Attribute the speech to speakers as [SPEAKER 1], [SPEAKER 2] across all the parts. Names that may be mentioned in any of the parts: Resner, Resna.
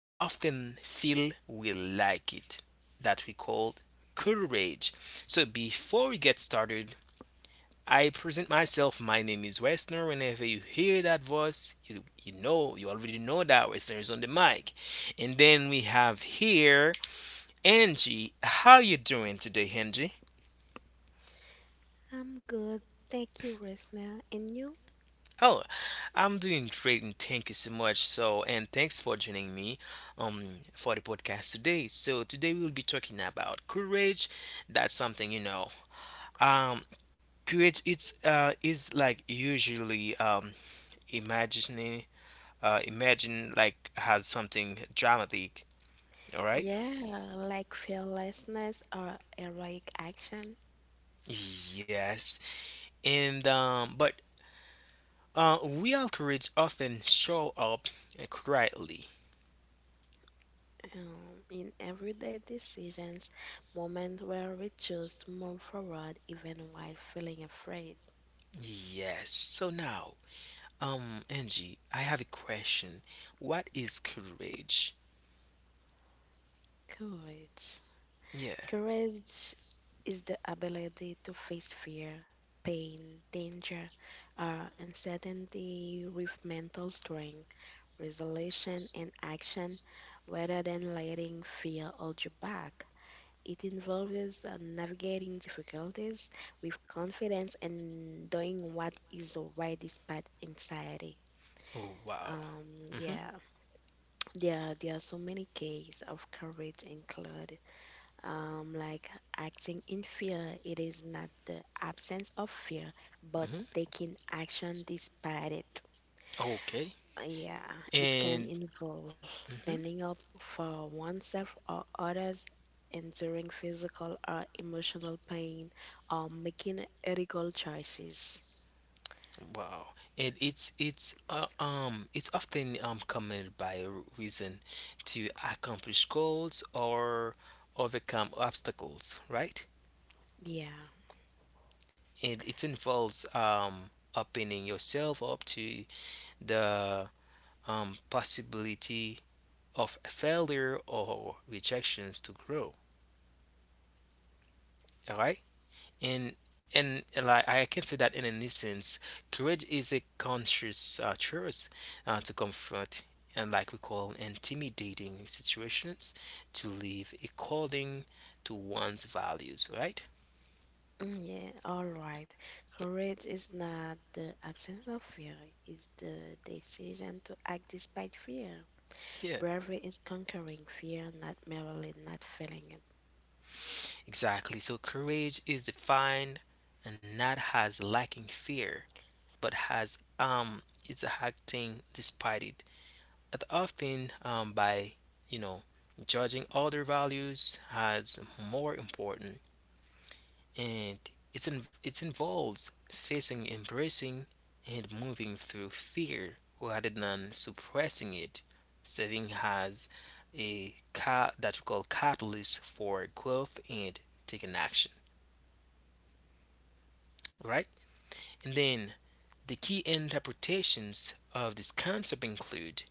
[SPEAKER 1] but often feel we like it that we call courage. So before we get started, I present myself. My name is Westner. Whenever you hear that voice, you know you already know that Westner is on the mic. And then we have here Angie. How you doing today, Angie?
[SPEAKER 2] I'm good, thank you, Resna. And you?
[SPEAKER 1] Oh, I'm doing great and thank you so much. So, and thanks for joining me for the podcast today. So, today we'll be talking about courage. That's something you know. Um Courage it's is like usually imagining imagine like has something dramatic, all right?
[SPEAKER 2] Yeah, like fearlessness or heroic action
[SPEAKER 1] Yes. And but real courage often show up quietly.
[SPEAKER 2] in everyday decisions, moment where we choose to move forward even while feeling afraid.
[SPEAKER 1] Yes. So now, Angie, I have a question. What is courage?
[SPEAKER 2] Courage.
[SPEAKER 1] Yeah.
[SPEAKER 2] Courage is the ability to face fear, pain, danger, or uncertainty with mental strength, resolution, and action rather than letting fear hold you back. It involves navigating difficulties with confidence and doing what is alright despite anxiety.
[SPEAKER 1] Oh, wow. Mhm.
[SPEAKER 2] Yeah, there are so many cases of courage included. Like acting in fear, it is not the absence of fear, but
[SPEAKER 1] Mhm.
[SPEAKER 2] taking action despite it.
[SPEAKER 1] Okay.
[SPEAKER 2] Yeah, it can
[SPEAKER 1] And
[SPEAKER 2] involve
[SPEAKER 1] mhm.
[SPEAKER 2] standing up for oneself or others, enduring physical or emotional pain, or making ethical choices.
[SPEAKER 1] Wow. And it's it's often commented by a reason to accomplish goals or overcome obstacles, right?
[SPEAKER 2] Yeah,
[SPEAKER 1] And it involves opening yourself up to the possibility of failure or rejections to grow. All right. And and like I can say that in an instance, courage is a conscious choice to confront and like we call intimidating situations to live according to one's values. Right?
[SPEAKER 2] mm, yeah, all right. Courage is not the absence of fear, it's the decision to act despite fear.
[SPEAKER 1] Yeah.
[SPEAKER 2] Bravery is conquering fear, not merely not feeling it.
[SPEAKER 1] Exactly. So courage is defined and not as lacking fear, but has it's acting despite it, it often by you know judging other values as more important, and it involves facing embracing and moving through fear rather than suppressing it, serving as a cat that we call catalyst for growth and taking action, right? And then the key interpretations of this concept include: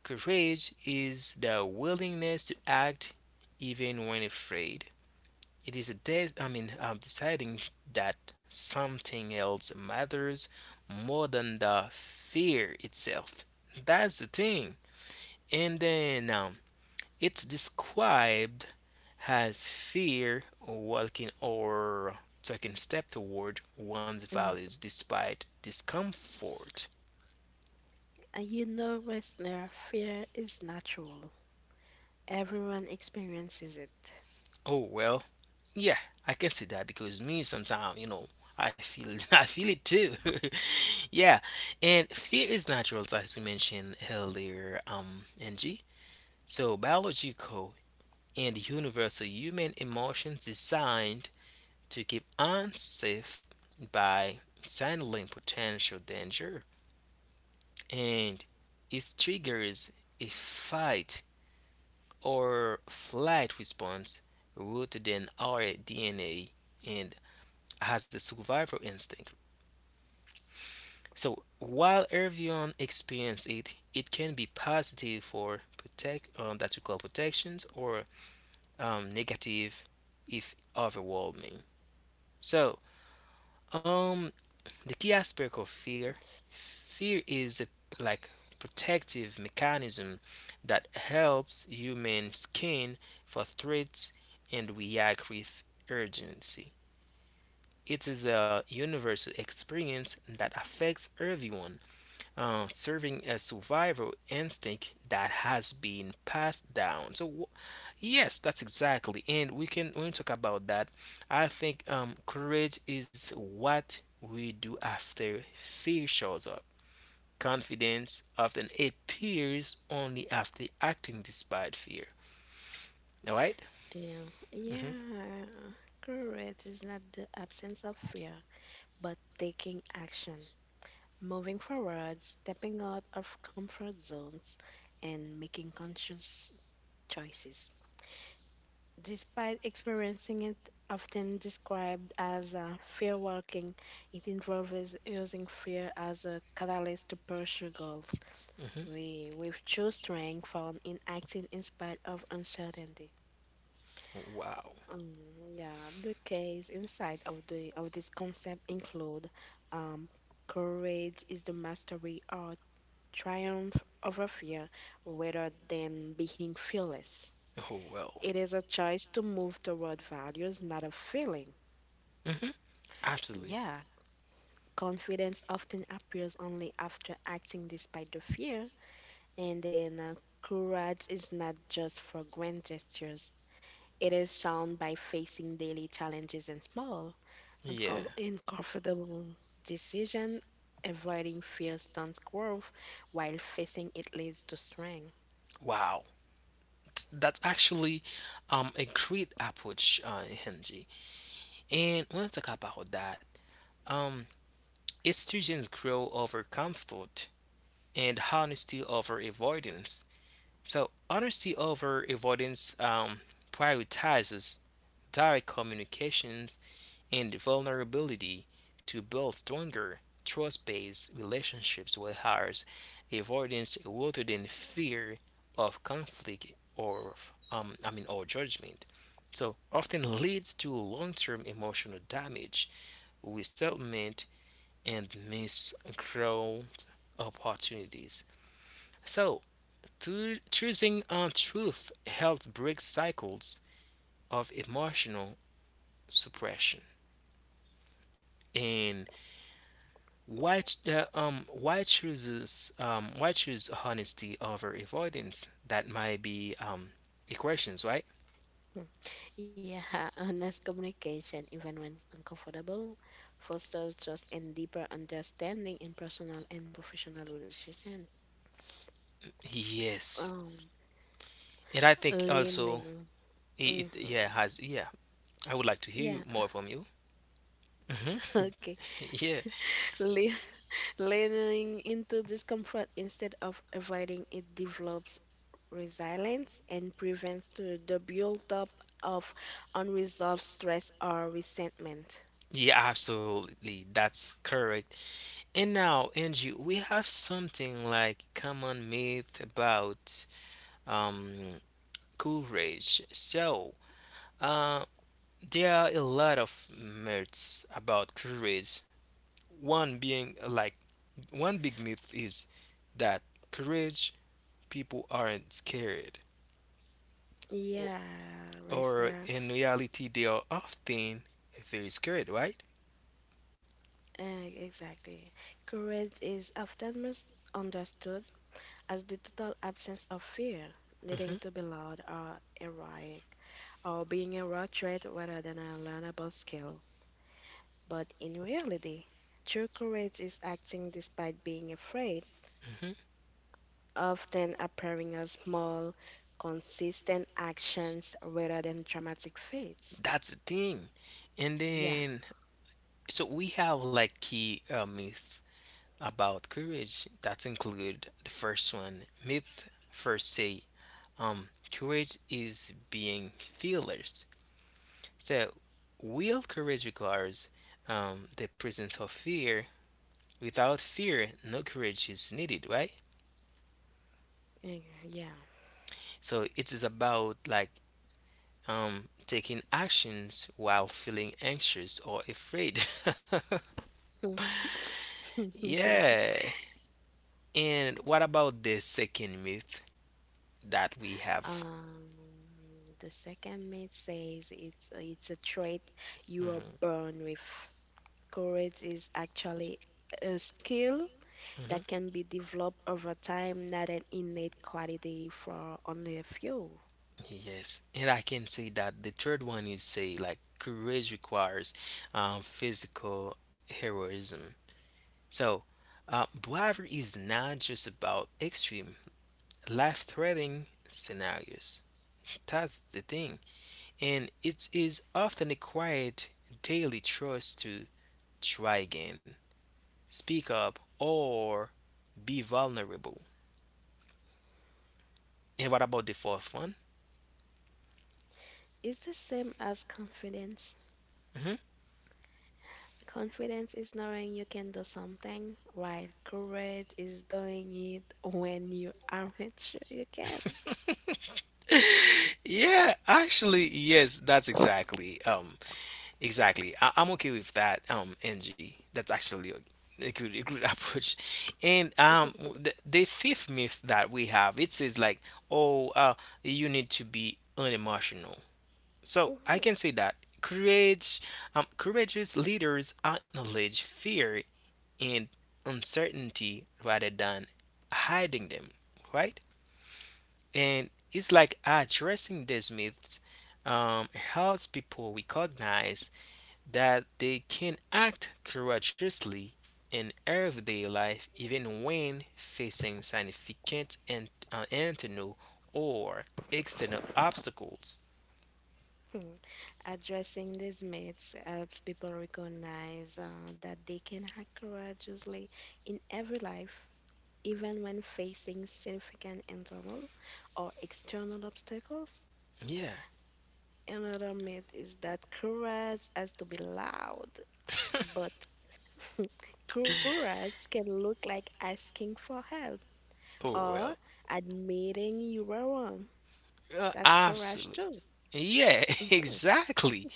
[SPEAKER 1] courage is the willingness to act even when afraid. It is a de- I mean deciding that something else matters more than the fear itself. That's the thing. And then, it's described as fear walking or taking step toward one's
[SPEAKER 2] Mm.
[SPEAKER 1] values despite discomfort.
[SPEAKER 2] And you know, listener, fear is natural. Everyone experiences it.
[SPEAKER 1] Oh well. Yeah, I can see that because me sometimes, you know, I feel I feel it too. Yeah, and fear is natural, as you mentioned earlier, Angie. So biological and universal human emotions designed to keep unsafe by signaling potential danger, and it triggers a fight or flight response rooted in our DNA and has a survival instinct. So while everyone experiences it, it can be positive for protect that we call protections or negative if overwhelming. So, um, the key aspect of fear, fear is a, like, protective mechanism that helps human skin for threats and react with urgency. It is a universal experience that affects everyone, serving a survival instinct that has been passed down. So yes, that's exactly, and we can talk about that, I think courage is what we do after fear shows up. Confidence often appears only after acting despite fear. All right?
[SPEAKER 2] Yeah,
[SPEAKER 1] Mm-hmm.
[SPEAKER 2] yeah, correct. It's not the absence of fear, but taking action, moving forward, stepping out of comfort zones, and making conscious choices. Despite experiencing it often described as fear walking, it involves using fear as a catalyst to pursue goals.
[SPEAKER 1] Mm-hmm.
[SPEAKER 2] We've chose strength found in acting in spite of uncertainty.
[SPEAKER 1] Wow.
[SPEAKER 2] Mm, yeah, the case inside of this concept include um, courage is the mastery or triumph over fear rather than being fearless.
[SPEAKER 1] Oh well.
[SPEAKER 2] It is a choice to move toward values, not a feeling.
[SPEAKER 1] Mm-hmm. Absolutely.
[SPEAKER 2] Yeah, confidence often appears only after acting despite the fear, and then courage is not just for grand gestures. It is shown by facing daily challenges and small,
[SPEAKER 1] Yeah.
[SPEAKER 2] uncomfortable decision. Avoiding fear stunts growth, while facing it leads to strength.
[SPEAKER 1] Wow. That's actually a great approach, Henji. And I want to talk about that. Um, its students grow over comfort and honesty over avoidance. So honesty over avoidance prioritizes direct communications and vulnerability to build stronger trust-based relationships with others. Avoidance rooted in fear of conflict or of, or judgment. So often leads to long-term emotional damage resettlement, and miss growth opportunities. So, to choosing on truth helps break cycles of emotional suppression. And why why chooses why choose honesty over avoidance? That might be equations, right?
[SPEAKER 2] Hmm. Yeah, honest communication, even when uncomfortable, fosters trust and deeper understanding in personal and professional relationships.
[SPEAKER 1] Yes,
[SPEAKER 2] Um,
[SPEAKER 1] and I think also
[SPEAKER 2] leaning.
[SPEAKER 1] it,
[SPEAKER 2] Hmm.
[SPEAKER 1] it yeah has yeah. I would like to hear
[SPEAKER 2] Yeah,
[SPEAKER 1] more from you. Hmm. Yeah.
[SPEAKER 2] okay. Leaning into discomfort instead of avoiding it develops resilience and prevents the buildup of unresolved stress or resentment.
[SPEAKER 1] Yeah, absolutely. That's correct. And now, Angie, we have something like common myth about um courage. So, uh, there are a lot of myths about courage. One being like one big myth is that courage people aren't scared, or,
[SPEAKER 2] Yeah,
[SPEAKER 1] or
[SPEAKER 2] Resner.
[SPEAKER 1] in reality, they are often very scared, right?
[SPEAKER 2] Exactly. Courage is often misunderstood as the total absence of fear,
[SPEAKER 1] Hmm.
[SPEAKER 2] needing to be loud or heroic, or being a raw trait rather than a learnable skill. But in reality, true courage is acting despite being afraid,
[SPEAKER 1] Hmm.
[SPEAKER 2] often appearing as small, consistent actions rather than dramatic feats.
[SPEAKER 1] That's the thing. And
[SPEAKER 2] Yeah,
[SPEAKER 1] then, so we have like key myth about courage that include the first one myth first say courage is being fearless. So real courage requires the presence of fear. Without fear, no courage is needed, right?
[SPEAKER 2] eh, yeah.
[SPEAKER 1] So it is about like taking actions while feeling anxious or afraid.
[SPEAKER 2] Hmm.
[SPEAKER 1] Yeah. And what about the second myth that we have?
[SPEAKER 2] Um, the second myth says it's a trait you are
[SPEAKER 1] Mhm,
[SPEAKER 2] born with. Courage is actually a skill that
[SPEAKER 1] mhm.
[SPEAKER 2] can be developed over time, not an innate quality for only a few.
[SPEAKER 1] Yes, and I can say that the third one is say like courage requires physical heroism. So, bravery is not just about extreme life-threatening scenarios. That's the thing, and it is often a quiet daily choice to try again, speak up, or be vulnerable. And what about the fourth one?
[SPEAKER 2] Is the same as confidence.
[SPEAKER 1] Mm-hmm.
[SPEAKER 2] Confidence is knowing you can do something, while courage is doing it when you aren't sure you can.
[SPEAKER 1] Yeah, actually, yes, that's exactly, exactly. I'm okay with that, Angie. That's actually a good approach. And the fifth myth that we have, it says like, oh, you need to be unemotional. So I
[SPEAKER 2] Mhm.
[SPEAKER 1] can say that courage, courageous leaders acknowledge fear and uncertainty rather than hiding them, right? And it's like addressing these myths helps people recognize that they can act courageously in everyday life even when facing significant and internal or external obstacles.
[SPEAKER 2] Addressing these myths helps people recognize that they can act courageously in every life, even when facing significant internal or external obstacles.
[SPEAKER 1] Yeah.
[SPEAKER 2] Another myth is that courage has to be loud, but courage can look like asking for help
[SPEAKER 1] Oh
[SPEAKER 2] or
[SPEAKER 1] well.
[SPEAKER 2] admitting you were wrong. That's courage
[SPEAKER 1] Absolutely.
[SPEAKER 2] too.
[SPEAKER 1] Yeah,
[SPEAKER 2] Mhm.
[SPEAKER 1] exactly.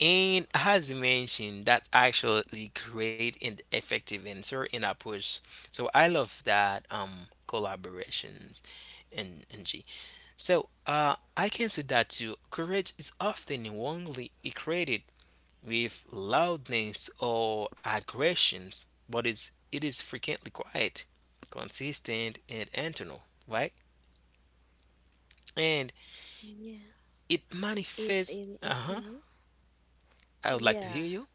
[SPEAKER 1] And as you mentioned, that's actually great and effective answer and approach. So I love that collaborations and G. So I can say that too. Courage is often wrongly equated with loudness or aggressions, but it is frequently quiet, consistent and internal, right? And
[SPEAKER 2] Yeah.
[SPEAKER 1] it
[SPEAKER 2] It
[SPEAKER 1] manifests,
[SPEAKER 2] in
[SPEAKER 1] uh-huh.
[SPEAKER 2] mhm.
[SPEAKER 1] I would like to
[SPEAKER 2] Yeah.
[SPEAKER 1] hear you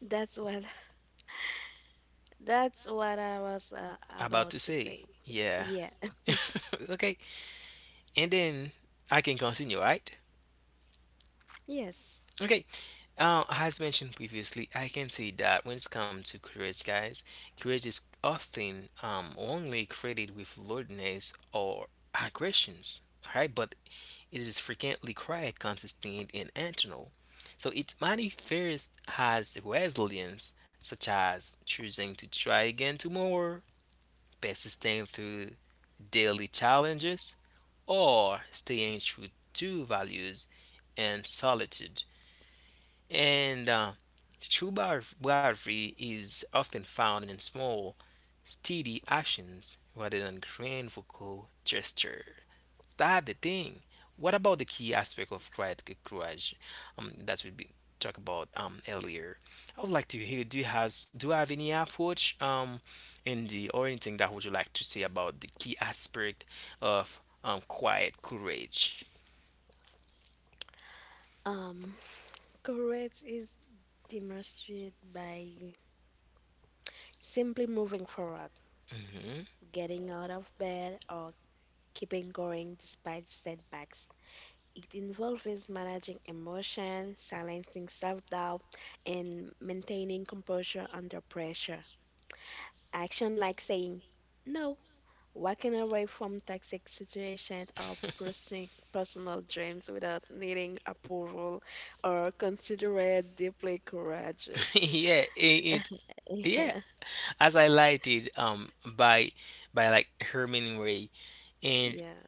[SPEAKER 2] That's what that's what I was
[SPEAKER 1] about
[SPEAKER 2] about
[SPEAKER 1] to
[SPEAKER 2] to
[SPEAKER 1] say.
[SPEAKER 2] say.
[SPEAKER 1] Yeah.
[SPEAKER 2] Yeah.
[SPEAKER 1] Okay. And then I can continue, right?
[SPEAKER 2] Yes.
[SPEAKER 1] Okay. As mentioned previously, I can say that when it's come to courage, guys, courage is often wrongly credited with loudness or aggressions, right? But it is frequently quiet, consistent, and internal. So it manifests as resilience, such as choosing to try again tomorrow, persisting through daily challenges, or staying true to values and solitude. And true bravery is often found in small, steady actions rather than grand vocal gesture. That's the thing. What about the key aspect of courage? That we be talk about earlier. I would like to hear. Do you have any approach in the or anything that would you like to say about the key aspect of quiet courage?
[SPEAKER 2] Um courage is demonstrated by simply moving forward,
[SPEAKER 1] Hmm.
[SPEAKER 2] getting out of bed or keeping going despite setbacks. It involves managing emotion, silencing self-doubt, and maintaining composure under pressure. Action like saying no, walking away from toxic situations, or pursuing personal dreams without needing approval, or considered deeply courageous.
[SPEAKER 1] Yeah, it yeah.
[SPEAKER 2] Yeah.
[SPEAKER 1] As I lighted by like Herman Ray and
[SPEAKER 2] Yeah.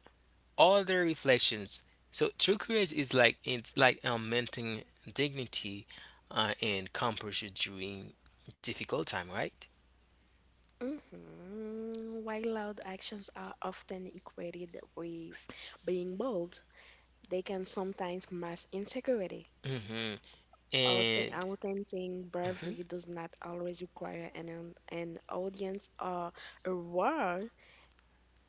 [SPEAKER 1] all their reflections. So true courage is like it's like maintaining dignity and composure during difficult time, right?
[SPEAKER 2] Hmm. While loud actions are often equated with being bold, they can sometimes mask insecurity.
[SPEAKER 1] Hmm. And
[SPEAKER 2] Authentic
[SPEAKER 1] mhm.
[SPEAKER 2] bravery does not always require an audience or a war.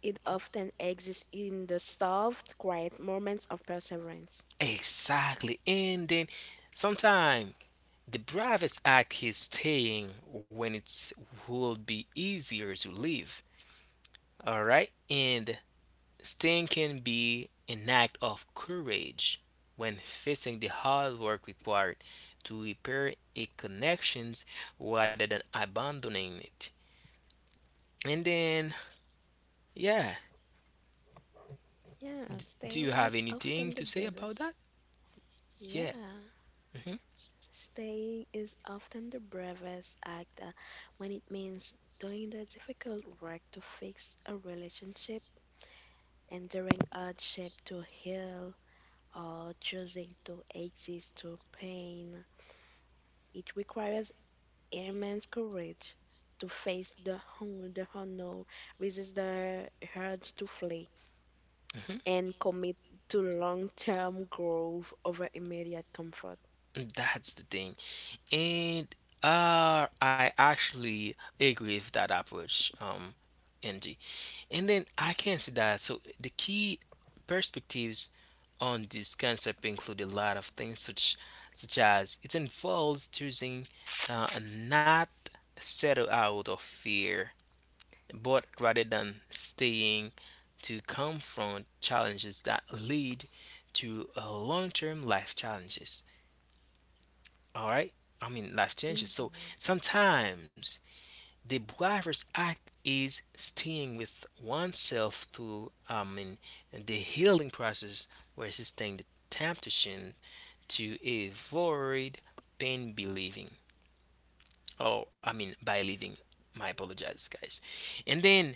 [SPEAKER 2] It often exists in the soft, quiet moments of perseverance.
[SPEAKER 1] Exactly. And then sometime the bravest act is staying when it's will be easier to live. All right, and staying can be an act of courage when facing the hard work required to repair a connections rather than abandoning it. And then, yeah,
[SPEAKER 2] Yeah,
[SPEAKER 1] do
[SPEAKER 2] staying
[SPEAKER 1] you have
[SPEAKER 2] is often
[SPEAKER 1] anything
[SPEAKER 2] the
[SPEAKER 1] to say about
[SPEAKER 2] bravest.
[SPEAKER 1] that? Yeah.
[SPEAKER 2] Yeah,
[SPEAKER 1] Hmm.
[SPEAKER 2] staying is often the bravest act when it means doing the difficult work to fix a relationship, enduring hardship to heal, or choosing to exist to pain. It requires immense courage to face the hunger, the unknown, resist the urge to flee,
[SPEAKER 1] Hmm.
[SPEAKER 2] and commit to long-term growth over immediate comfort.
[SPEAKER 1] That's the thing. And I actually agree with that approach, Angie. And then I can see that. So the key perspectives on this concept include a lot of things, such, such as it involves choosing not settle out of fear, but rather than staying to confront challenges that lead to long-term life challenges. All right, I mean life changes. So
[SPEAKER 2] Mhm.
[SPEAKER 1] sometimes the braver's act is staying with oneself through, I mean, the healing process where resisting the temptation to avoid pain believing, oh, I mean by living, my apologies guys, and then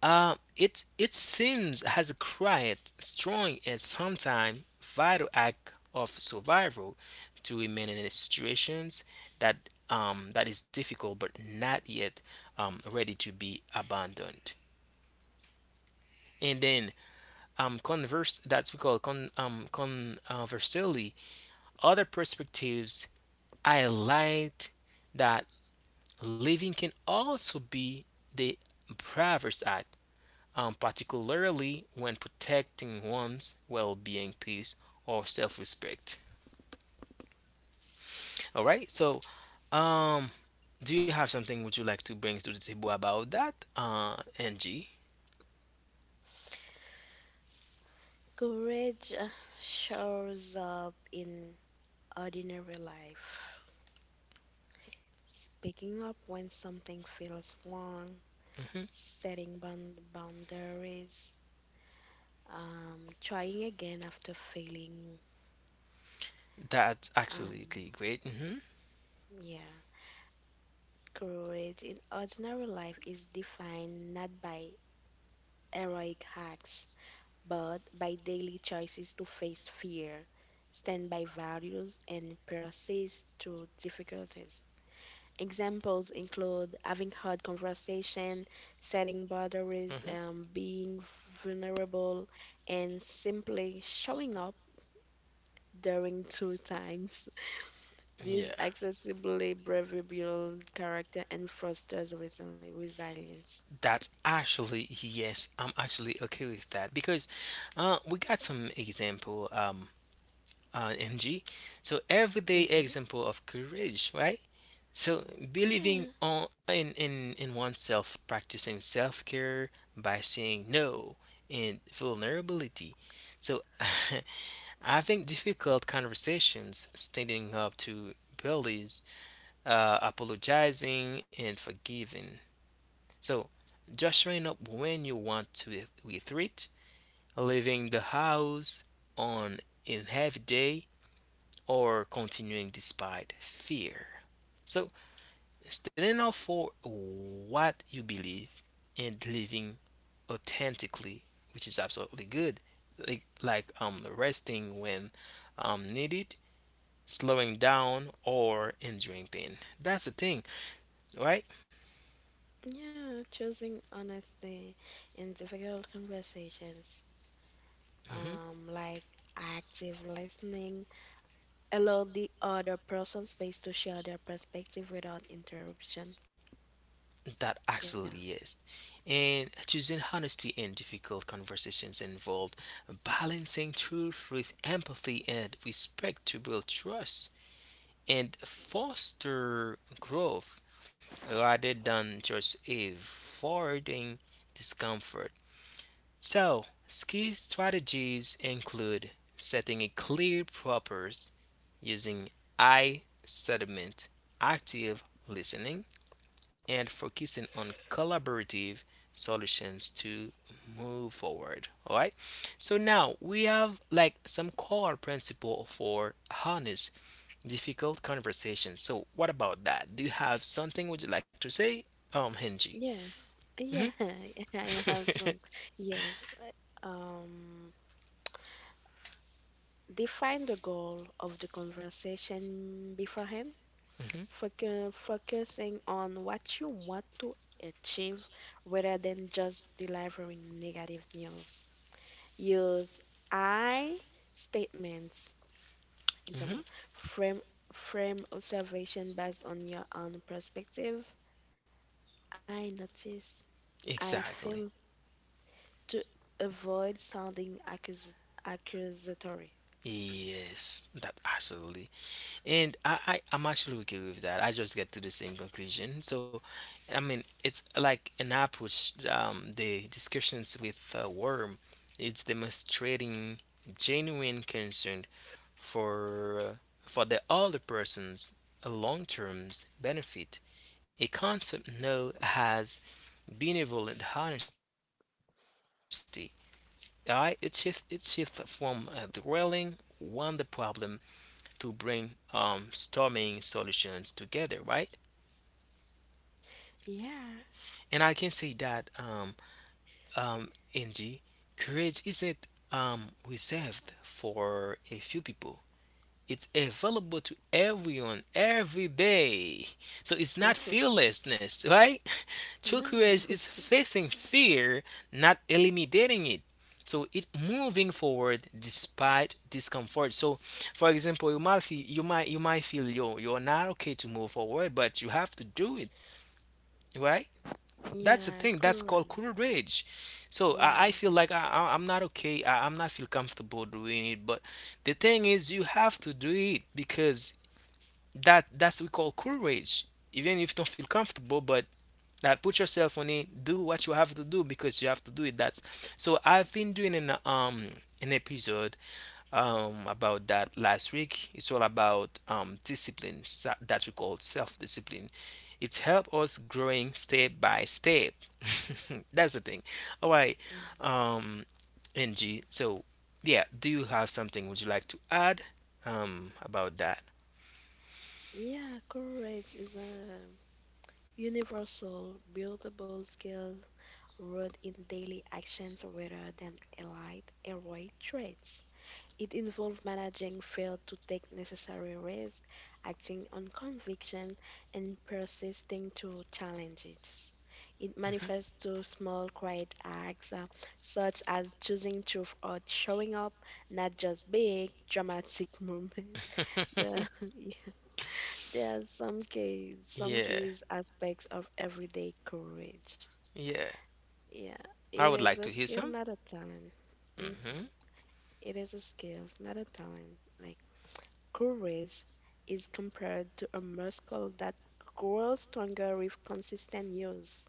[SPEAKER 1] it it seems has a quiet, strong, and sometimes vital act of survival to remain in situations that that is difficult but not yet ready to be abandoned. And then converse that we call con conversely, other perspectives highlight that living can also be the bravest act, particularly when protecting one's well-being, peace, or self-respect. All right. So, um, do you have something would you like to bring to the table about that, NG?
[SPEAKER 2] Courage shows up in ordinary life. Speaking up when something feels wrong,
[SPEAKER 1] Hmm.
[SPEAKER 2] setting boundaries, trying again after failing.
[SPEAKER 1] That's
[SPEAKER 2] Um,
[SPEAKER 1] absolutely great. Hmm.
[SPEAKER 2] yeah. Courage in ordinary life is defined not by heroic acts, but by daily choices to face fear, stand by values, and persist through difficulties. Examples include having hard conversation, setting boundaries,
[SPEAKER 1] Hmm.
[SPEAKER 2] being vulnerable, and simply showing up during two times. This
[SPEAKER 1] Yeah,
[SPEAKER 2] accessibly bravery builds character and fosters resilience.
[SPEAKER 1] that's actually yes. I'm actually okay with that because we got some example NG. So everyday
[SPEAKER 2] Hmm.
[SPEAKER 1] example of courage, right? So believing
[SPEAKER 2] Yeah,
[SPEAKER 1] on in oneself, practicing self care by saying no and vulnerability. So having difficult conversations, standing up to bullies, apologizing and forgiving. So just showing up when you want to retreat, leaving the house on a heavy day, or continuing despite fear. So standing up for what you believe and living authentically, which is absolutely good. Like resting when needed, slowing down or enduring pain. That's the thing, right?
[SPEAKER 2] yeah, choosing honesty in difficult conversations,
[SPEAKER 1] Hmm.
[SPEAKER 2] like active listening, allow the other person space to share their perspective without interruption.
[SPEAKER 1] That
[SPEAKER 2] Yeah,
[SPEAKER 1] actually is. And choosing honesty in difficult conversations involved balancing truth with empathy and respect to build trust and foster growth rather than just avoiding discomfort. So, key strategies include setting a clear purpose, using I sediment, active listening, and focusing on collaborative solutions to move forward. All right. So now we have like some core principle for honest difficult conversation. So, what about that? Do you have something would you like to say, Henji?
[SPEAKER 2] yeah, yeah,
[SPEAKER 1] hmm
[SPEAKER 2] I have some. Yes, I- um, define the goal of the conversation beforehand.
[SPEAKER 1] hmm
[SPEAKER 2] Focusing on what you want to achieve rather than just delivering negative news. Use I statements.
[SPEAKER 1] hmm
[SPEAKER 2] Example, frame frame observation based on your own perspective. I notice. I
[SPEAKER 1] Exactly.
[SPEAKER 2] feel to avoid sounding accusatory.
[SPEAKER 1] Yes, that absolutely. And I'm actually okay with that. I just get to the same conclusion. So, I mean, it's like an approach. The discussions with Worm, it's demonstrating genuine concern for uh, for the other person's long-term benefit. A concept known as benevolent honesty. I it shift from dwelling on the problem to bring storming solutions together, right?
[SPEAKER 2] Yeah.
[SPEAKER 1] And I can say that NG courage isn't reserved for a few people. It's available to everyone every day. So it's not fearlessness, right? True courage
[SPEAKER 2] No.
[SPEAKER 1] is facing fear, not eliminating it. So it moving forward despite discomfort. So, for example, you might feel yo you're not okay to move forward, but you have to do it, right? That's the
[SPEAKER 2] Yeah,
[SPEAKER 1] thing. That's called
[SPEAKER 2] correct.
[SPEAKER 1] courage. So I
[SPEAKER 2] Yeah.
[SPEAKER 1] feel like I'm not okay. I'm not feel comfortable doing it, but the thing is, you have to do it because that's we call courage even if you don't feel comfortable, but that put yourself on it, do what you have to do because you have to do it. That's so I've been doing an episode about that last week. It's all about discipline, that we call self-discipline. It's help us growing step by step. That's the thing. All right.
[SPEAKER 2] Yeah,
[SPEAKER 1] um ng so Yeah, do you have something would you like to add about that?
[SPEAKER 2] yeah, courage is a universal, buildable skills rooted in daily actions rather than elite, heroic traits. It involves managing fear to take necessary risks, acting on conviction, and persisting to challenges. It manifests through small, quiet acts, such as choosing truth or showing up, not just big, dramatic moments. The, there are some keys, some
[SPEAKER 1] Yeah,
[SPEAKER 2] keys aspects of everyday courage.
[SPEAKER 1] yeah.
[SPEAKER 2] Yeah,
[SPEAKER 1] I
[SPEAKER 2] it
[SPEAKER 1] would
[SPEAKER 2] is
[SPEAKER 1] like
[SPEAKER 2] a
[SPEAKER 1] to hear
[SPEAKER 2] skill,
[SPEAKER 1] some.
[SPEAKER 2] not a talent. Hmm.
[SPEAKER 1] hmm
[SPEAKER 2] It is a skill, not a talent. Like courage is compared to a muscle that grows stronger with consistent use.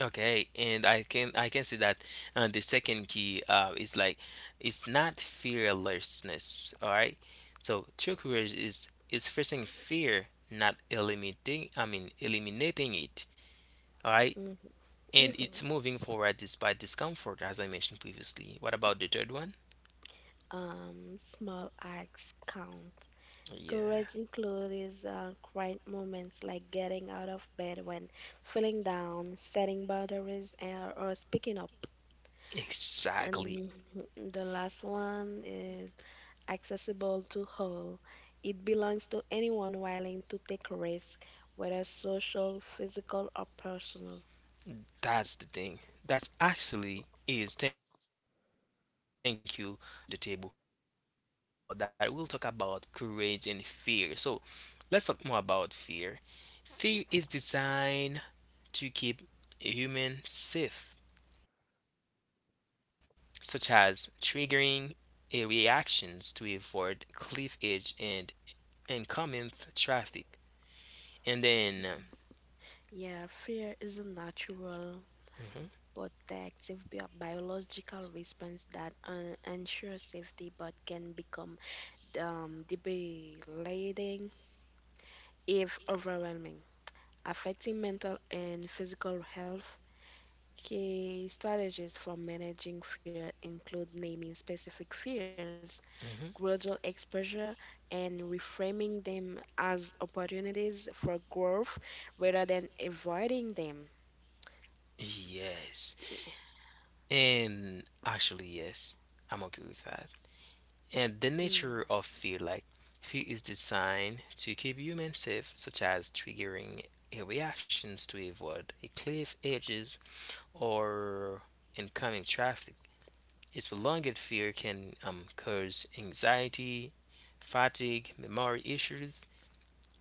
[SPEAKER 1] Okay, and I can see that the second key is like it's not fearlessness. All right, so true courage is facing fear, not eliminating. I mean, eliminating it. All right,
[SPEAKER 2] Hmm.
[SPEAKER 1] and
[SPEAKER 2] Hmm.
[SPEAKER 1] it's moving forward despite discomfort, as I mentioned previously. What about the third one?
[SPEAKER 2] Small acts count.
[SPEAKER 1] Yeah,
[SPEAKER 2] Courage includes quiet moments like getting out of bed when feeling down, setting boundaries, and, or speaking up.
[SPEAKER 1] exactly.
[SPEAKER 2] And the last one is accessible to all. It belongs to anyone willing to take risk, whether social, physical, or personal.
[SPEAKER 1] That's the thing. That's actually is. Thank you for bringing that to the table. And now, when we talk about that, we'll talk about courage and fear. So, let's talk more about fear. Fear is designed to keep a human safe, such as triggering a reactions to avoid cliff edge and oncoming traffic. And then,
[SPEAKER 2] Yeah, fear is a natural
[SPEAKER 1] mhm,
[SPEAKER 2] protective biological response that ensures safety but can become debilitating if overwhelming, affecting mental and physical health. Okay, strategies for managing fear include naming specific fears, gradual
[SPEAKER 1] mhm,
[SPEAKER 2] exposure, and reframing them as opportunities for growth rather than avoiding them.
[SPEAKER 1] yes, and actually, yes, I'm okay with that. And the
[SPEAKER 2] No.
[SPEAKER 1] nature of fear, like fear is designed to keep humans safe, such as triggering a reactions to avoid a cliff edges or incoming traffic. Its prolonged fear can cause anxiety, fatigue, memory issues,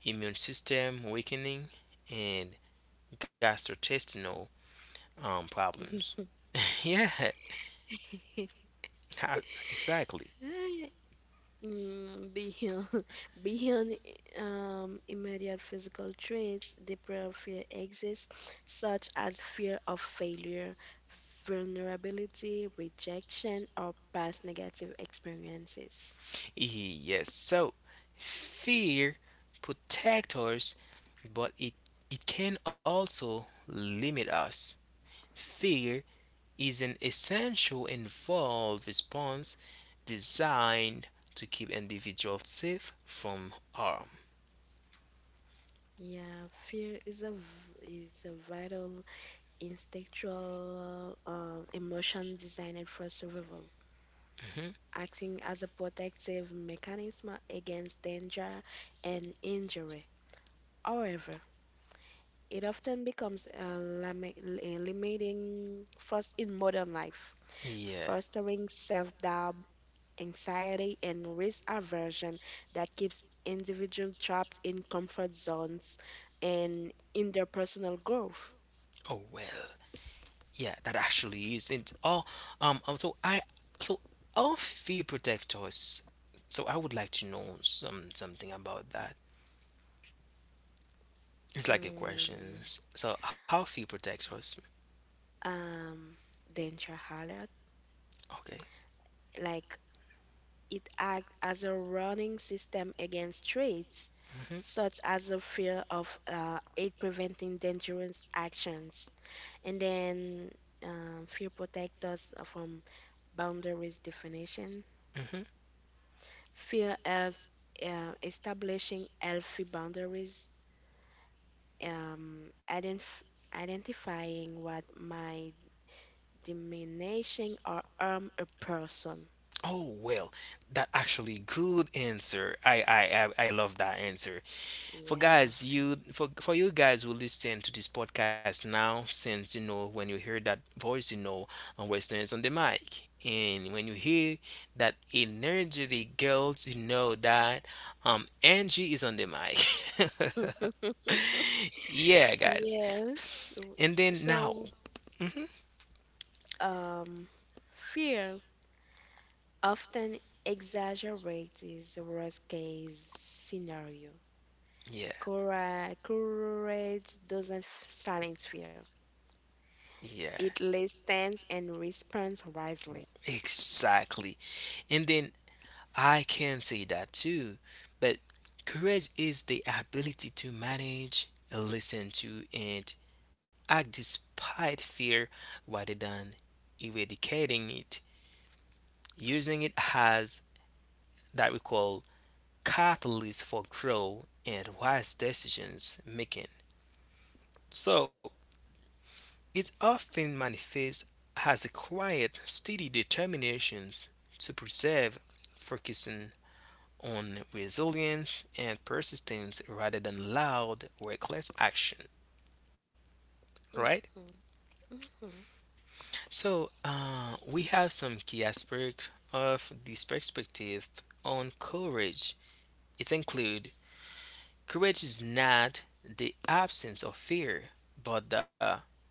[SPEAKER 1] immune system weakening, and gastrointestinal problems. Yeah, exactly.
[SPEAKER 2] Mm, beyond, beyond immediate physical traits, deeper fear exists, such as fear of failure, vulnerability, rejection, or past negative experiences.
[SPEAKER 1] Yes, so fear protects us, but it can also limit us. Fear is an essential and involved response designed to keep individuals safe from harm.
[SPEAKER 2] Yeah, fear is a vital instinctual emotion designed for survival, acting as a protective mechanism against danger and injury. However, it often becomes a limiting force in modern life,
[SPEAKER 1] Yeah.
[SPEAKER 2] fostering self-doubt, anxiety, and risk aversion that keeps individuals trapped in comfort zones and in their personal growth.
[SPEAKER 1] Oh well. Yeah, that actually isn't. Oh, So so all fear protectors. So I would like to know some something about that. It's like a
[SPEAKER 2] Mm,
[SPEAKER 1] question. So, how fear protects us?
[SPEAKER 2] um, Dentrahalla,
[SPEAKER 1] Okay.
[SPEAKER 2] like it acts as a running system against traits
[SPEAKER 1] hmm
[SPEAKER 2] such as a fear of it preventing dangerous actions. And then fear protects us from boundaries definition.
[SPEAKER 1] hmm
[SPEAKER 2] Fear helps establishing healthy boundaries, um, identif identifying what might diminishing or harm a person.
[SPEAKER 1] Oh well, that actually good answer. I love that answer. For
[SPEAKER 2] Yeah,
[SPEAKER 1] guys,
[SPEAKER 2] fear.
[SPEAKER 1] you for you guys who listen to this podcast now, since you know when you hear that voice, you know and Western is on the mic, and when you hear that energetic girls, you know that Angie is on the mic. Yeah, guys.
[SPEAKER 2] Yeah. w-
[SPEAKER 1] And then now,
[SPEAKER 2] so,
[SPEAKER 1] hmm
[SPEAKER 2] um, fear often exaggerates the worst case scenario.
[SPEAKER 1] yeah.
[SPEAKER 2] Courage doesn't silence fear.
[SPEAKER 1] Yeah,
[SPEAKER 2] It listens and responds wisely.
[SPEAKER 1] exactly. And then I can say that too. But courage is the ability to manage, listen to, and act despite fear rather than eradicating it. Using it as that we call catalyst for growth and wise decisions making. So it often manifests as a quiet, steady determination to preserve, focusing on resilience and persistence rather than loud, reckless action, right?
[SPEAKER 2] Mhm, mhm,
[SPEAKER 1] So, we have some key aspects of this perspective on courage. It includes courage is not the absence of fear, but the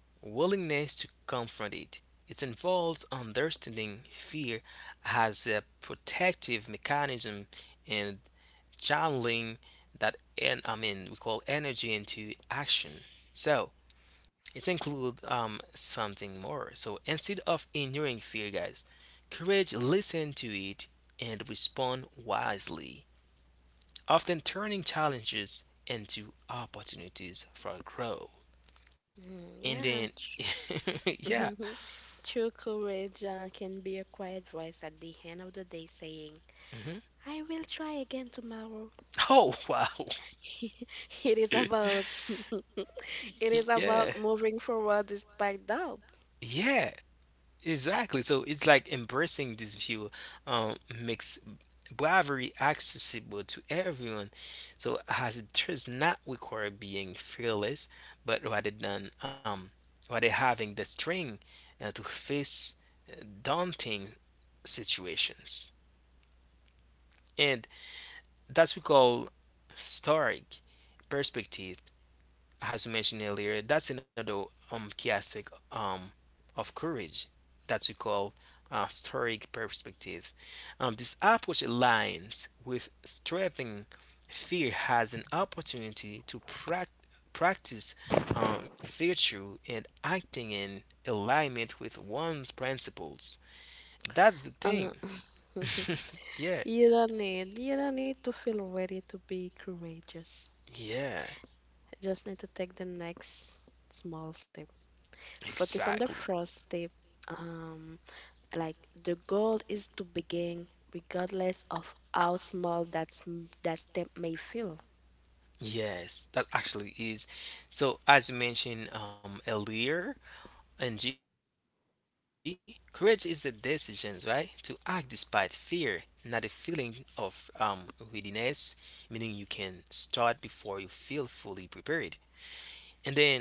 [SPEAKER 1] willingness to confront it. It involves understanding fear as a protective mechanism and channeling that, and I mean we call energy into action. So it includes something more. So instead of ignoring fear, guys, courage listen to it and respond wisely, often turning challenges into opportunities for growth.
[SPEAKER 2] mhm.
[SPEAKER 1] And then
[SPEAKER 2] Yeah,
[SPEAKER 1] yeah.
[SPEAKER 2] true courage can be a quiet voice at the end of the day saying,
[SPEAKER 1] hmm
[SPEAKER 2] I will try again tomorrow.
[SPEAKER 1] Oh wow.
[SPEAKER 2] It is about it is
[SPEAKER 1] yeah.
[SPEAKER 2] about moving forward despite doubt.
[SPEAKER 1] Yeah. Exactly. So it's like embracing this view makes bravery accessible to everyone. So as it does not require being fearless, but rather having the strength to face daunting situations. And that's we call historic perspective, as we mentioned earlier. That's another key aspect. Of courage that we call stoic perspective. This approach aligns with striving fear as an opportunity to practice virtue and acting in alignment with one's principles. That's the
[SPEAKER 2] Uh,
[SPEAKER 1] thing. yeah,
[SPEAKER 2] you don't need to feel ready to be courageous.
[SPEAKER 1] yeah,
[SPEAKER 2] You just need to take the next small step. Focus on
[SPEAKER 1] exactly.
[SPEAKER 2] the first step. Um, like the goal is to begin, regardless of how small that step may feel.
[SPEAKER 1] Yes, that actually is. So, as you mentioned earlier, And G, courage is a decision, right, to act despite fear, not a feeling of readiness, meaning you can start before you feel fully prepared. And then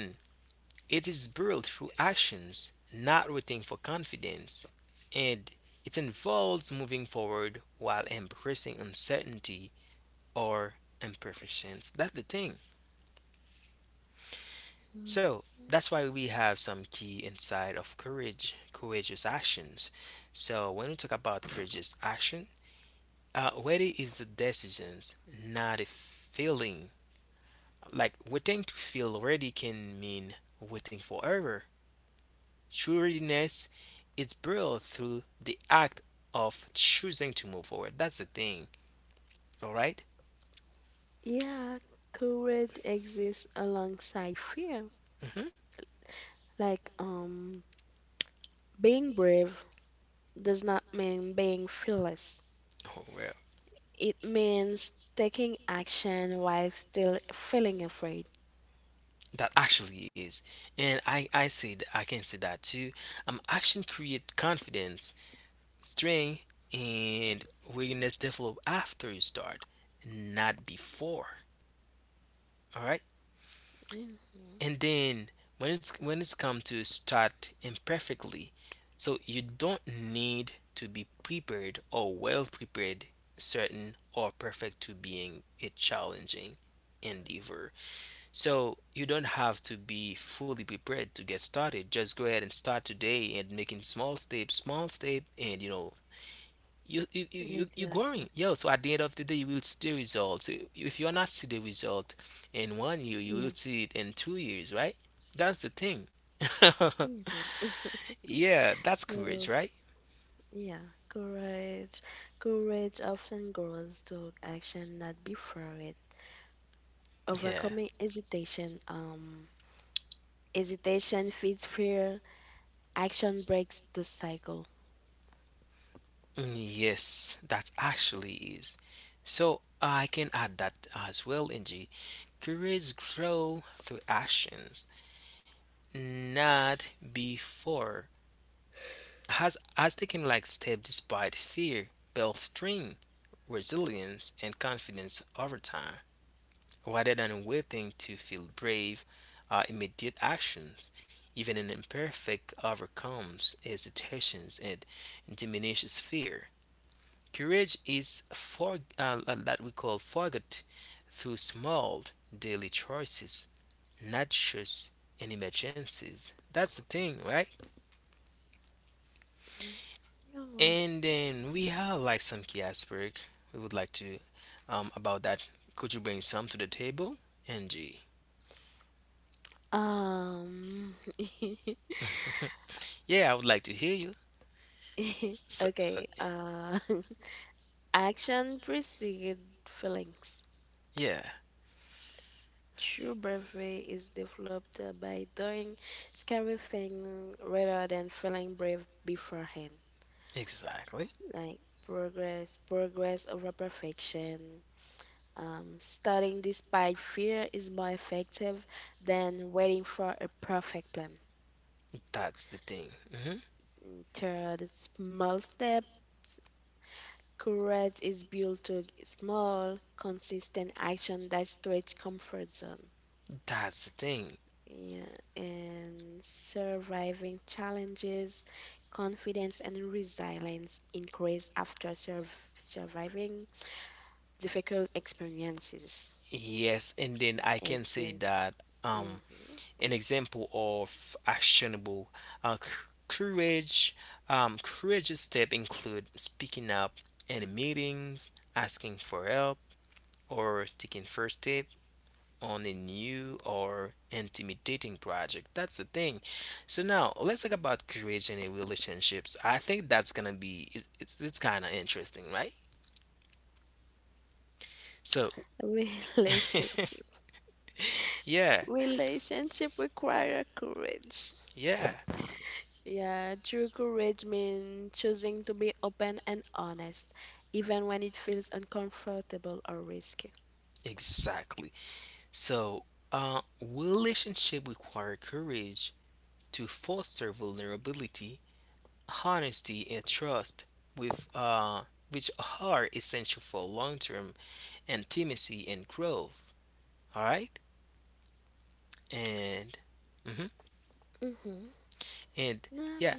[SPEAKER 1] it is built through actions, not waiting for confidence. And it involves moving forward while embracing uncertainty or imperfections. That's the thing.
[SPEAKER 2] Mm,
[SPEAKER 1] So that's why we have some key inside of courage, courageous actions. So when we talk about courageous action, ready is the decisions, not a feeling. Like waiting to feel ready can mean waiting forever. True readiness is built through the act of choosing to move forward. That's the thing. All right.
[SPEAKER 2] yeah, courage exists alongside fear.
[SPEAKER 1] Mm-hmm.
[SPEAKER 2] Like being brave does not mean being fearless.
[SPEAKER 1] Oh well,
[SPEAKER 2] It means taking action while still feeling afraid.
[SPEAKER 1] that actually is, and I can see that too. Action create confidence string and willingness develop after you start, not before. All right.
[SPEAKER 2] Mhm,
[SPEAKER 1] And then when it's come to start imperfectly, so you don't need to be prepared or well prepared, certain or perfect to being a challenging endeavor. So you don't have to be fully prepared to get started, just go ahead and start today and making small step, and you know you're
[SPEAKER 2] exactly.
[SPEAKER 1] growing yo. So at the end of the day you will see the results. If you're not see the result in 1 year, you
[SPEAKER 2] Yeah.
[SPEAKER 1] will see it in 2 years, right? That's the thing.
[SPEAKER 2] Mhm.
[SPEAKER 1] Yeah, that's courage,
[SPEAKER 2] So,
[SPEAKER 1] right?
[SPEAKER 2] yeah, courage. Courage often grows to action, not before it.
[SPEAKER 1] yeah
[SPEAKER 2] Overcoming hesitation. Hesitation feeds fear. Action breaks the cycle.
[SPEAKER 1] Mm, yes, that actually is. So I can add that as well, ng. Courage grow through actions, not before. Has taken like step despite fear, bolstering resilience and confidence over time, rather than waiting to feel brave. Immediate actions, even an imperfect, overcomes hesitations and diminishes fear. Courage is for that we call forgot through small daily choices, not just in emergencies. That's the thing, right?
[SPEAKER 2] Mhm. All right.
[SPEAKER 1] And then we have like some key aspect we would like to about that. Could you bring some to the table, Angie?
[SPEAKER 2] Um.
[SPEAKER 1] Yeah, I would like to hear you. So, uh,
[SPEAKER 2] Okay. Action precedes feelings.
[SPEAKER 1] yeah,
[SPEAKER 2] True bravery is developed by doing scary things rather than feeling brave beforehand.
[SPEAKER 1] exactly.
[SPEAKER 2] Like progress over perfection. Studying despite fear is more effective than waiting for a perfect plan.
[SPEAKER 1] That's the thing. hmm
[SPEAKER 2] Mm, third, small step. Courage is built to small, consistent action that stretch comfort zone.
[SPEAKER 1] That's the thing.
[SPEAKER 2] Yeah, and surviving challenges, confidence and resilience increase after surviving difficult experiences.
[SPEAKER 1] Yes, and then I can say
[SPEAKER 2] Exam.
[SPEAKER 1] that um
[SPEAKER 2] Mhm.
[SPEAKER 1] an example of actionable uh, c- courage, courageous step include speaking up in meetings, asking for help or taking first step on a new or intimidating project. That's the thing. So now let's talk about courage in a relationships. I think that's gonna be it's kind of interesting, right? So
[SPEAKER 2] Relationship.
[SPEAKER 1] yeah,
[SPEAKER 2] Relationship require courage.
[SPEAKER 1] yeah,
[SPEAKER 2] Yeah, true courage means choosing to be open and honest, even when it feels uncomfortable or risky.
[SPEAKER 1] exactly. So relationship require courage to foster vulnerability, honesty, and trust with which are essential for long-term intimacy and growth. All right? and Mhm,
[SPEAKER 2] Mm-hmm. No,
[SPEAKER 1] and
[SPEAKER 2] I'm here.
[SPEAKER 1] yeah,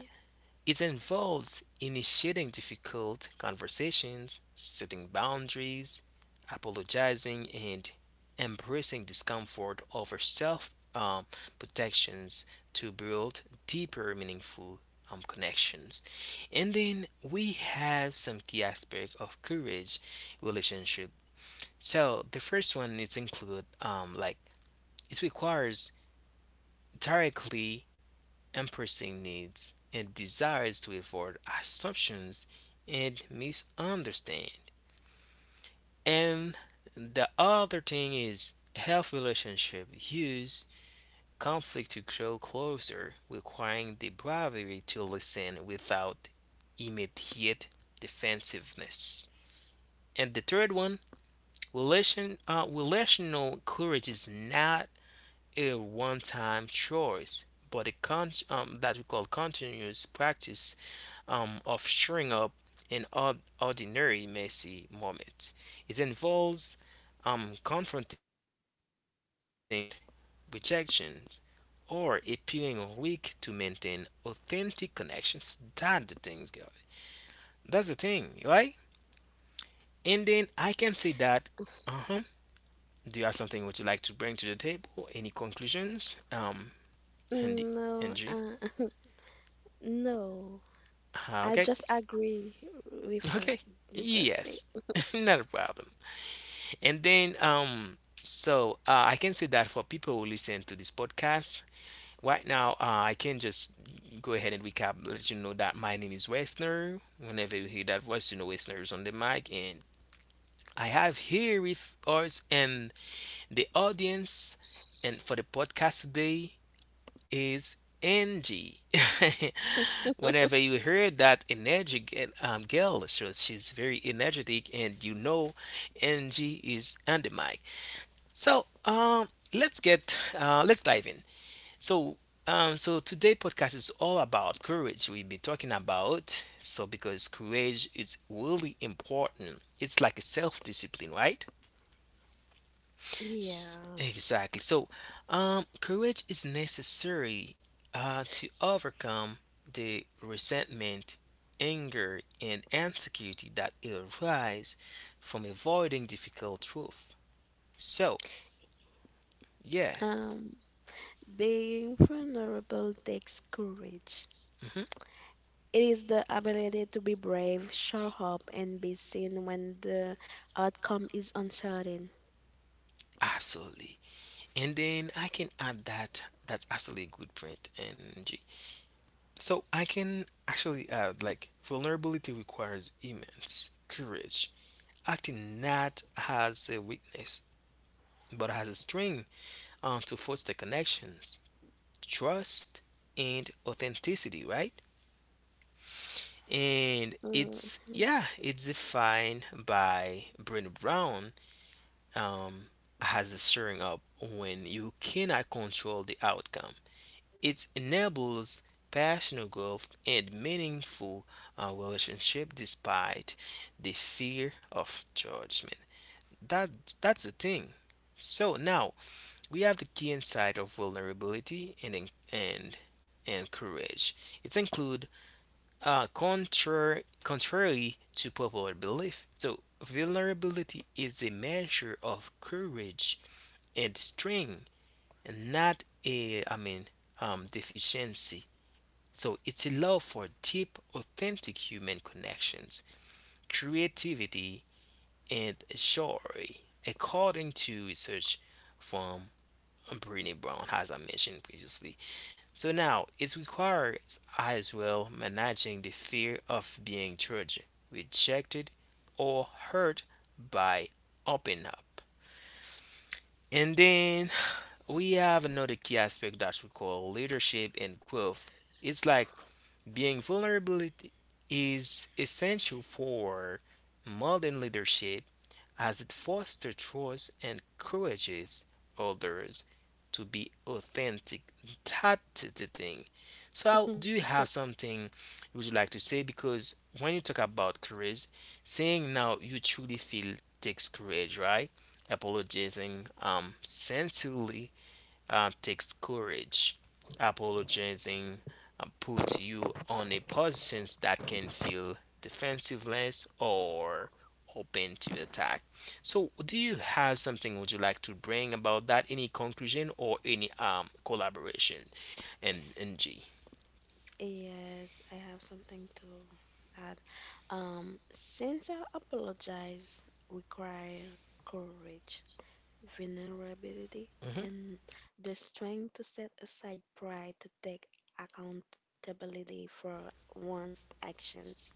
[SPEAKER 1] it involves initiating difficult conversations, setting boundaries, apologizing, and embracing discomfort over self protections to build deeper, meaningful connections. And then we have some key aspect of courage relationship. So the first one is include like it requires directly embracing needs and desires to avoid assumptions and misunderstand. And the other thing is healthy relationship use conflict to grow closer, requiring the bravery to listen without immediate defensiveness. And the third one, relational courage is not a one-time choice, but a that we call continuous practice of showing up in ordinary messy moments. It involves confronting the fear of judgment, rejection, or appearing weak to maintain authentic connections. That's the thing, guys. That's the thing, right? And then I can say that. Uh huh. Do you have something would you like to bring to the table? Any conclusions? Andy,
[SPEAKER 2] Mm, no,
[SPEAKER 1] Angie.
[SPEAKER 2] no. I
[SPEAKER 1] Okay.
[SPEAKER 2] just agree with what
[SPEAKER 1] Okay.
[SPEAKER 2] you just said.
[SPEAKER 1] Yes. Not a problem. And then, so I can say that for people who listen to this podcast, right now, I can just go ahead and recap, let you know that my name is Wesner. Whenever you hear that voice, you know Wesner is on the mic. And I have here with us and the audience and for the podcast today is Angie. Whenever you hear that energy girl, so she's very energetic, and you know Angie is on the mic. So let's dive in. So today podcast is all about courage. We'll be talking about so because courage is really important. It's like a self discipline, right?
[SPEAKER 2] Yeah.
[SPEAKER 1] Exactly. So courage is necessary to overcome the resentment, anger, and insecurity that arise from avoiding difficult truth. So yeah.
[SPEAKER 2] Um, being vulnerable takes courage.
[SPEAKER 1] Mhm.
[SPEAKER 2] It is the ability to be brave, show up, and be seen when the outcome is uncertain.
[SPEAKER 1] Absolutely. And then I can add that. That's absolutely good. Print point, G. So I can actually add like vulnerability requires immense courage, acting not as a weakness but as a string to foster connections, trust, and authenticity, right? And
[SPEAKER 2] Mhm.
[SPEAKER 1] it's, yeah, it's defined by Brenda Brown um, as a showing up when you cannot control the outcome. It enables personal growth and meaningful relationship despite the fear of judgment. That that's the thing. So now we have the key insight of vulnerability and and courage. It's include contrary to popular belief. So vulnerability is a measure of courage and strength, and not a I mean, deficiency. So it's a love for deep, authentic human connections, creativity, and joy, according to research from Brene Brown, as I mentioned previously. So now it requires as well managing the fear of being judged, rejected, or hurt by opening up. And then we have another key aspect that we call leadership and growth. It's like being vulnerable is essential for modern leadership as it fosters trust and encourages others to be authentic. That's the thing. So, do you have something you would like to say? Because when you talk about courage, saying now you truly feel takes courage, right? Apologizing sincerely takes courage. Apologizing puts you on a position that can feel defensiveless or open to attack. So, do you have something would you like to bring about that? Any conclusion or any collaboration? And G.
[SPEAKER 2] Yes, I have something to add. Sincere apologize require courage, vulnerability,
[SPEAKER 1] Mhm.
[SPEAKER 2] and the strength to set aside pride to take accountability for one's actions.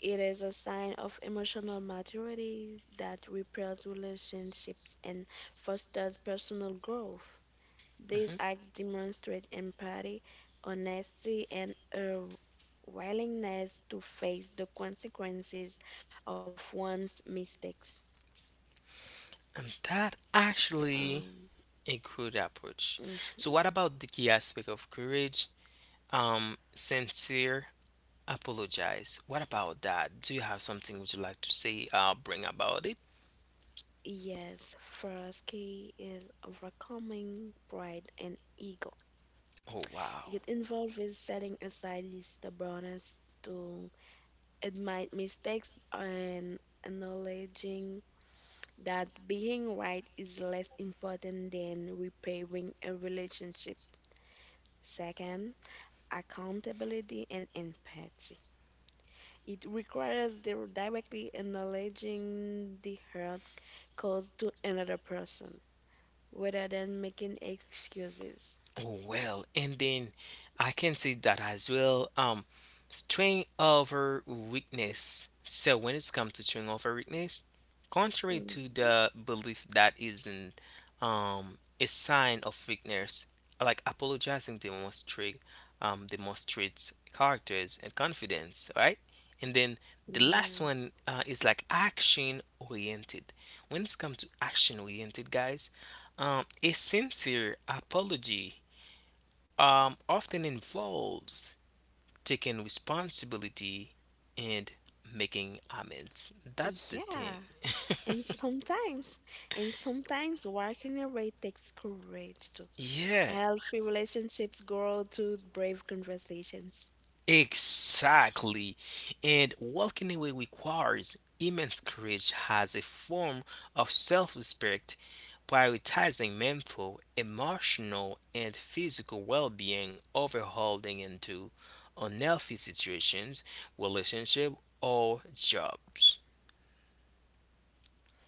[SPEAKER 2] It is a sign of emotional maturity that repairs relationships and fosters personal growth. These
[SPEAKER 1] Hmm.
[SPEAKER 2] acts demonstrate empathy, honesty, and a willingness to face the consequences of one's mistakes.
[SPEAKER 1] And that
[SPEAKER 2] Um,
[SPEAKER 1] actually a good approach.
[SPEAKER 2] mm,
[SPEAKER 1] So, what about the key aspect of courage? Sincere apologize. What about that? Do you have something would you like to say, bring about it?
[SPEAKER 2] yes, Frosky is overcoming pride and ego.
[SPEAKER 1] Oh, wow.
[SPEAKER 2] It involves with setting aside the stubbornness to admit mistakes and acknowledging that being right is less important than repairing a relationship. Second, accountability and empathy. It requires the directly acknowledging the hurt caused to another person rather than making excuses.
[SPEAKER 1] Oh, well, and then I can see that as well. Strength over weakness. So when it's come to strength over weakness, contrary
[SPEAKER 2] Mhm.
[SPEAKER 1] to the belief that isn't a sign of weakness, like apologizing demonstrates characters and confidence, right? And then the last
[SPEAKER 2] Yeah,
[SPEAKER 1] one is like action oriented. When it's come to action oriented, guys, a sincere apology often involves taking responsibility and making amends. That's the thing.
[SPEAKER 2] yeah. And sometimes, and sometimes walking away takes courage too.
[SPEAKER 1] Yeah,
[SPEAKER 2] Healthy relationships grow through brave conversations.
[SPEAKER 1] exactly. And walking away requires immense courage as a form of self respect, prioritizing mental, emotional, and physical well being over holding into unhealthy situations, relationship, or jobs.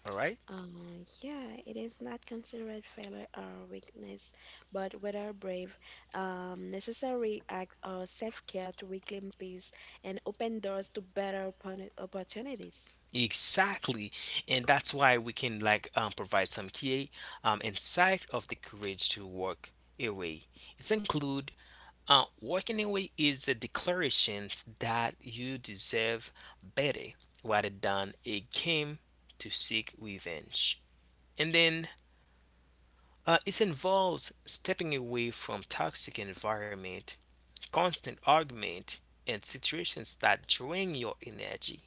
[SPEAKER 1] All right?
[SPEAKER 2] Yeah, it is not considered failure or weakness, but whether brave, necessary act or self-care to reclaim peace and open doors to better opportunities.
[SPEAKER 1] Exactly, and that's why we can like provide some key insight of the courage to walk away. It's include walking away is a declaration that you deserve better rather than a game to seek revenge. And then it involves stepping away from toxic environment, constant argument, and situations that drain your energy.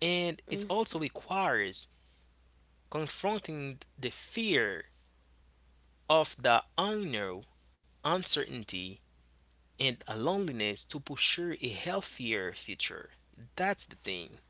[SPEAKER 1] And it
[SPEAKER 2] Mm-hmm.
[SPEAKER 1] also requires confronting the fear of the unknown, uncertainty, and a loneliness to pursue a healthier future. That's the thing.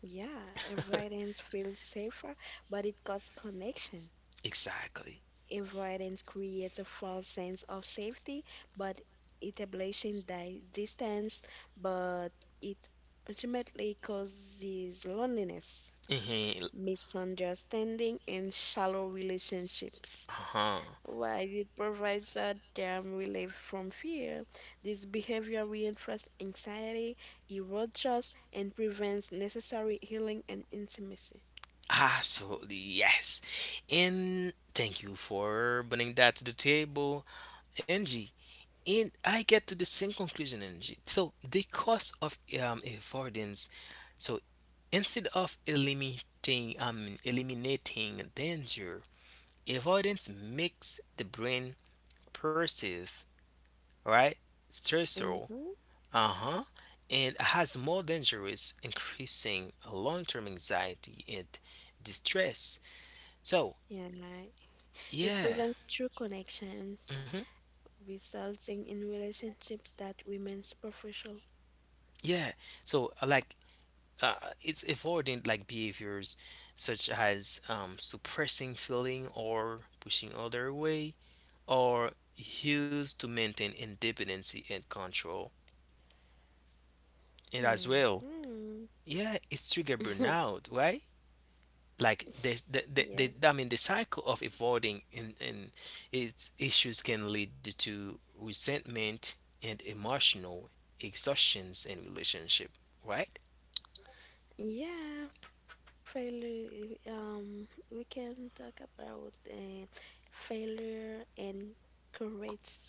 [SPEAKER 2] Yeah, avoidance feels safer, but it costs connection.
[SPEAKER 1] Exactly.
[SPEAKER 2] Avoidance creates a false sense of safety, but establishing di distance, but it ultimately causes loneliness,
[SPEAKER 1] Mhm.
[SPEAKER 2] misunderstanding, and shallow relationships.
[SPEAKER 1] Uh-huh.
[SPEAKER 2] While it provides short-term relief from fear, this behavior reinforces anxiety, erodes trust, and prevents necessary healing and intimacy.
[SPEAKER 1] Absolutely, yes. And thank you for bringing that to the table, Angie. And I get to the same conclusion, Angie. So the cost of avoidance. So instead of eliminating, I mean, eliminating danger, avoidance makes the brain perceive, right, stressor,
[SPEAKER 2] Mm-hmm.
[SPEAKER 1] uh-huh, and has more dangerous, increasing long-term anxiety and distress. So,
[SPEAKER 2] Yeah. It
[SPEAKER 1] yeah.
[SPEAKER 2] prevents true connections,
[SPEAKER 1] Hmm.
[SPEAKER 2] resulting in relationships that remain superficial.
[SPEAKER 1] Yeah. So, like, uh, it's avoiding like behaviors such as suppressing feeling or pushing other away, or used to maintain independency and control. And as well,
[SPEAKER 2] Mm-hmm.
[SPEAKER 1] yeah, it's trigger burnout, right? Like this the, the,
[SPEAKER 2] Yeah.
[SPEAKER 1] the I mean, the cycle of avoiding in its issues can lead to resentment and emotional exhaustions in relationship, right?
[SPEAKER 2] Yeah, failure. We can talk about failure and courage too.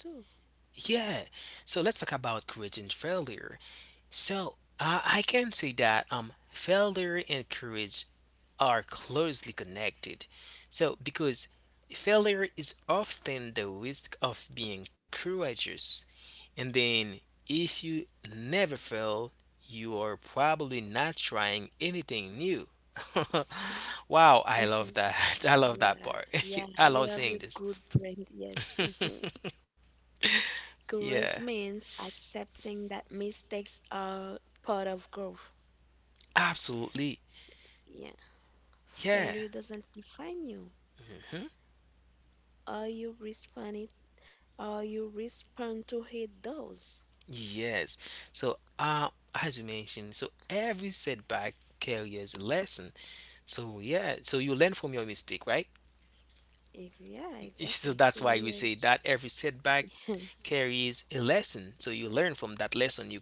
[SPEAKER 1] Yeah, so let's talk about creating failure. So I can say that failure and courage are closely connected, so because failure is often the risk of being courageous. And then if you never fail, you are probably not trying anything new. Wow, I love that. I love that
[SPEAKER 2] Yeah,
[SPEAKER 1] part.
[SPEAKER 2] yeah,
[SPEAKER 1] I
[SPEAKER 2] you
[SPEAKER 1] love
[SPEAKER 2] have a
[SPEAKER 1] seeing this.
[SPEAKER 2] good brain. Yes. Hmm.
[SPEAKER 1] Yeah,
[SPEAKER 2] Courage means accepting that mistakes are part of growth.
[SPEAKER 1] absolutely.
[SPEAKER 2] Yeah.
[SPEAKER 1] Yeah.
[SPEAKER 2] Failure doesn't define you.
[SPEAKER 1] Mhm.
[SPEAKER 2] Are you respond it, or you respond to it does.
[SPEAKER 1] Yes. So, as you mentioned, so every setback carries a lesson. So, yeah, so you learn from your mistake, right?
[SPEAKER 2] Yeah,
[SPEAKER 1] So
[SPEAKER 2] exactly.
[SPEAKER 1] that's why we say
[SPEAKER 2] Courage.
[SPEAKER 1] that every setback carries a lesson. So you learn from that lesson. You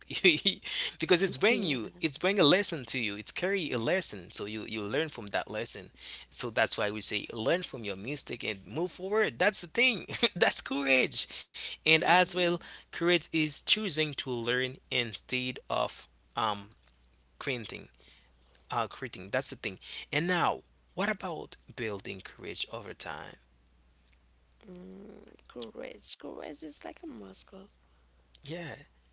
[SPEAKER 1] because
[SPEAKER 2] Yeah.
[SPEAKER 1] it's bring a lesson to you. It's carry a lesson. So you learn from that lesson. So that's why we say learn from your mistake and move forward. That's the thing. That's courage, and as well,
[SPEAKER 2] Mm,
[SPEAKER 1] courage is choosing to learn instead of um quitting. Quitting. That's the thing. And now, what about building courage over time?
[SPEAKER 2] mm, courage. Courage is like a muscle.
[SPEAKER 1] Yeah.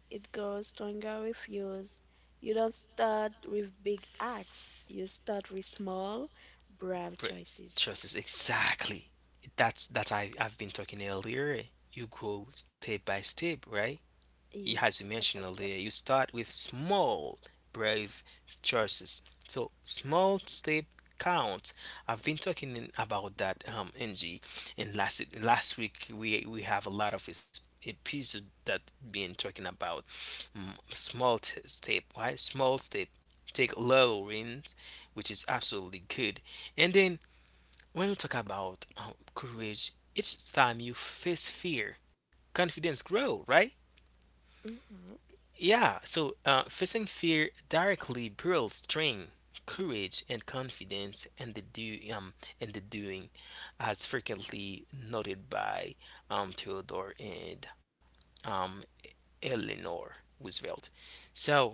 [SPEAKER 2] It grows stronger with use. You don't start with big acts. You start with small, brave
[SPEAKER 1] Pre-
[SPEAKER 2] choices.
[SPEAKER 1] Trust is exactly that's that I've been talking earlier. You grow step by step, right? As
[SPEAKER 2] Yeah,
[SPEAKER 1] you
[SPEAKER 2] step
[SPEAKER 1] mentioned
[SPEAKER 2] by
[SPEAKER 1] earlier,
[SPEAKER 2] step.
[SPEAKER 1] you start with small, brave choices. So small step count. I've been talking about that, Ng, and last week we have a lot of episode that been talking about small step, right? Small step take little wins, which is absolutely good. And then when we talk about courage, each time you face fear, confidence grow, right?
[SPEAKER 2] Mm-hmm.
[SPEAKER 1] Yeah. So facing fear directly builds strength, courage, and confidence, and the do and the doing, as frequently noted by Theodore and um Eleanor Roosevelt. So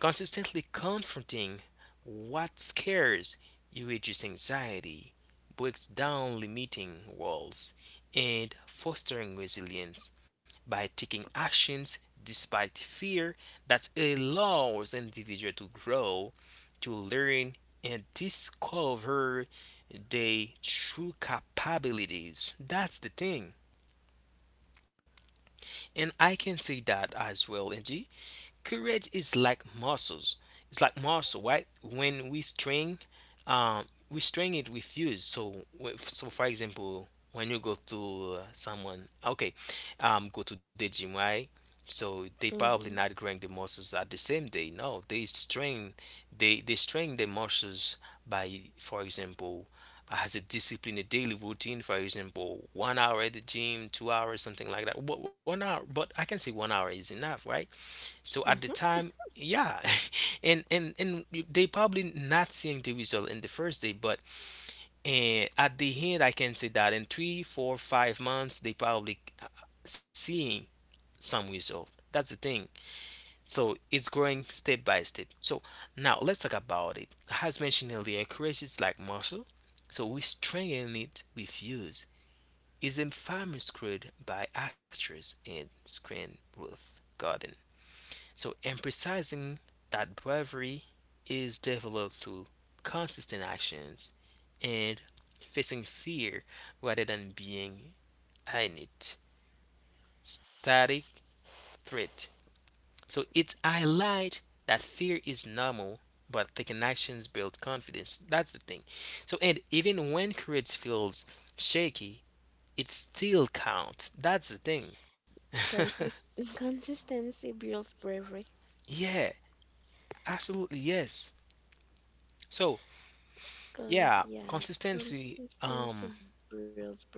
[SPEAKER 1] consistently confronting what scares you reduces anxiety, breaks down limiting walls, and fostering resilience by taking actions despite fear that allows individual to grow, to learn, and discover their true capabilities. That's the thing. And I can say that as well, Angie. Courage is like muscles. It's like muscle, right? When we string it with use. So, so for example, when you go to someone, okay, go to the gym, right? So they probably
[SPEAKER 2] Mm-hmm.
[SPEAKER 1] not growing the muscles at the same day. No, they strain, they strain the muscles by, for example, as a discipline, a daily routine. For example, 1 hour at the gym, 2 hours, something like that. But 1 hour, but I can say 1 hour is enough, right? So at the time,
[SPEAKER 2] Mm-hmm.
[SPEAKER 1] yeah. And you, they probably not seeing the result in the first day, but at the end, I can say that in 3, 4, 5 months, they probably seeing some result. That's the thing. So it's growing step by step. So now let's talk about it. As mentioned earlier, courage is like muscle, so we strengthen it with use. Is a famous created by actors in screen Ruth Garden. So, emphasizing that bravery is developed through consistent actions and facing fear rather than being in it. Static threat. So, it's highlight that fear is normal, but taking actions build confidence. That's the thing. So, and even when courage feels shaky, it still counts. That's the thing.
[SPEAKER 2] Consist- consistency builds bravery.
[SPEAKER 1] Yeah, absolutely yes. So,
[SPEAKER 2] Con-
[SPEAKER 1] yeah,
[SPEAKER 2] yeah,
[SPEAKER 1] consistency.
[SPEAKER 2] consistency builds bravery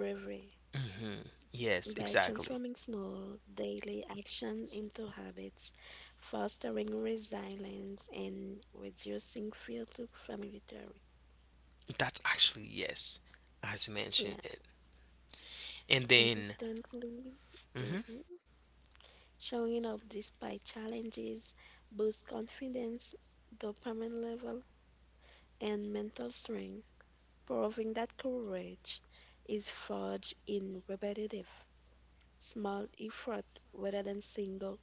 [SPEAKER 1] mhm,
[SPEAKER 2] by
[SPEAKER 1] yes,
[SPEAKER 2] transforming
[SPEAKER 1] exactly.
[SPEAKER 2] small daily action into habits, fostering resilience, and reducing fear to familiarity.
[SPEAKER 1] That's actually yes, as you
[SPEAKER 2] Yeah,
[SPEAKER 1] mentioned it. And then,
[SPEAKER 2] consistently
[SPEAKER 1] hmm
[SPEAKER 2] mhm, showing up despite challenges boosts confidence, dopamine level, and mental strength, proving that courage is forged in repetitive small effort rather than single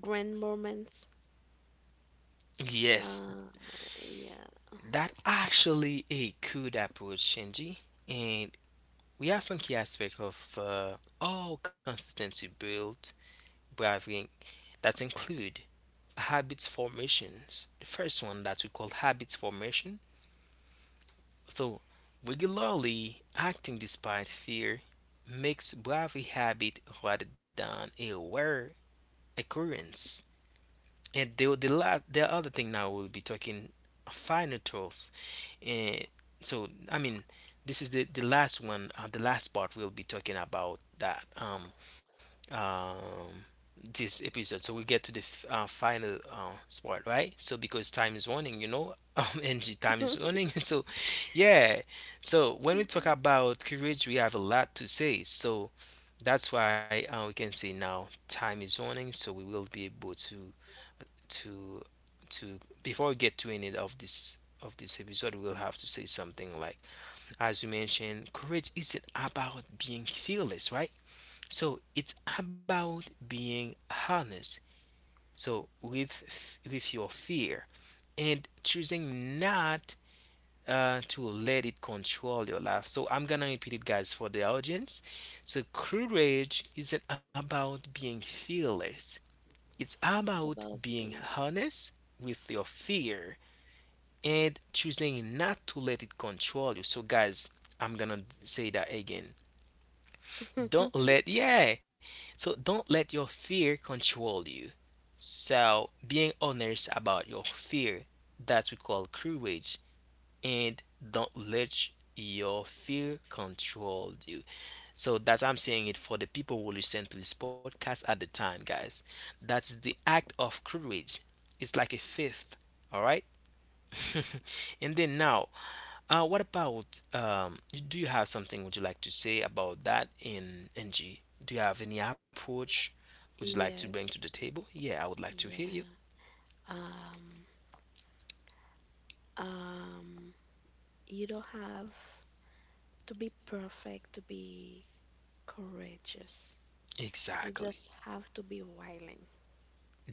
[SPEAKER 2] grand moments.
[SPEAKER 1] yes,
[SPEAKER 2] Uh, yeah.
[SPEAKER 1] that actually a good approach, Shinji. And we have some key aspect of all consistency build bravery that include habits formations. The first one that we call habits formation. So, regularly acting despite fear makes bravery habit rather than a rare occurrence. And the other thing now we'll be talking final tools. And so, I mean, this is the last one, the last part we'll be talking about that. Um, this episode. So we get to the final spot, right? So because time is running, energy time is running. So yeah. So when we talk
[SPEAKER 2] Yeah.
[SPEAKER 1] about courage, we have a lot to say. So that's why we can say now time is running. So we will be able to to before we get to any of this episode we'll have to say something like as you mentioned courage isn't about being fearless, right, so it's about being honest. So with your fear and choosing not to let it control your life. So I'm gonna repeat it, guys, for the audience. So courage isn't about being fearless. It's
[SPEAKER 2] It's
[SPEAKER 1] about
[SPEAKER 2] about
[SPEAKER 1] being
[SPEAKER 2] being.
[SPEAKER 1] honest with your fear and choosing not to let it control you. So guys, I'm gonna say that again. Don't let yeah. So don't let your fear control you. So, being honest about your fear, that we call courage, and don't let your fear control you. So, that I'm saying it for the people who listen to this podcast at the time, guys. That's the act of courage. It's like a fifth, all right? And then now, what about do you have something would you like to say about that in NG? Do you have any approach would you like to bring to the
[SPEAKER 2] Yes.
[SPEAKER 1] table? Yeah, I would like to hear you.
[SPEAKER 2] Yeah. Um, um, you don't have to be perfect to be courageous. You
[SPEAKER 1] Exactly.
[SPEAKER 2] just have to be willing.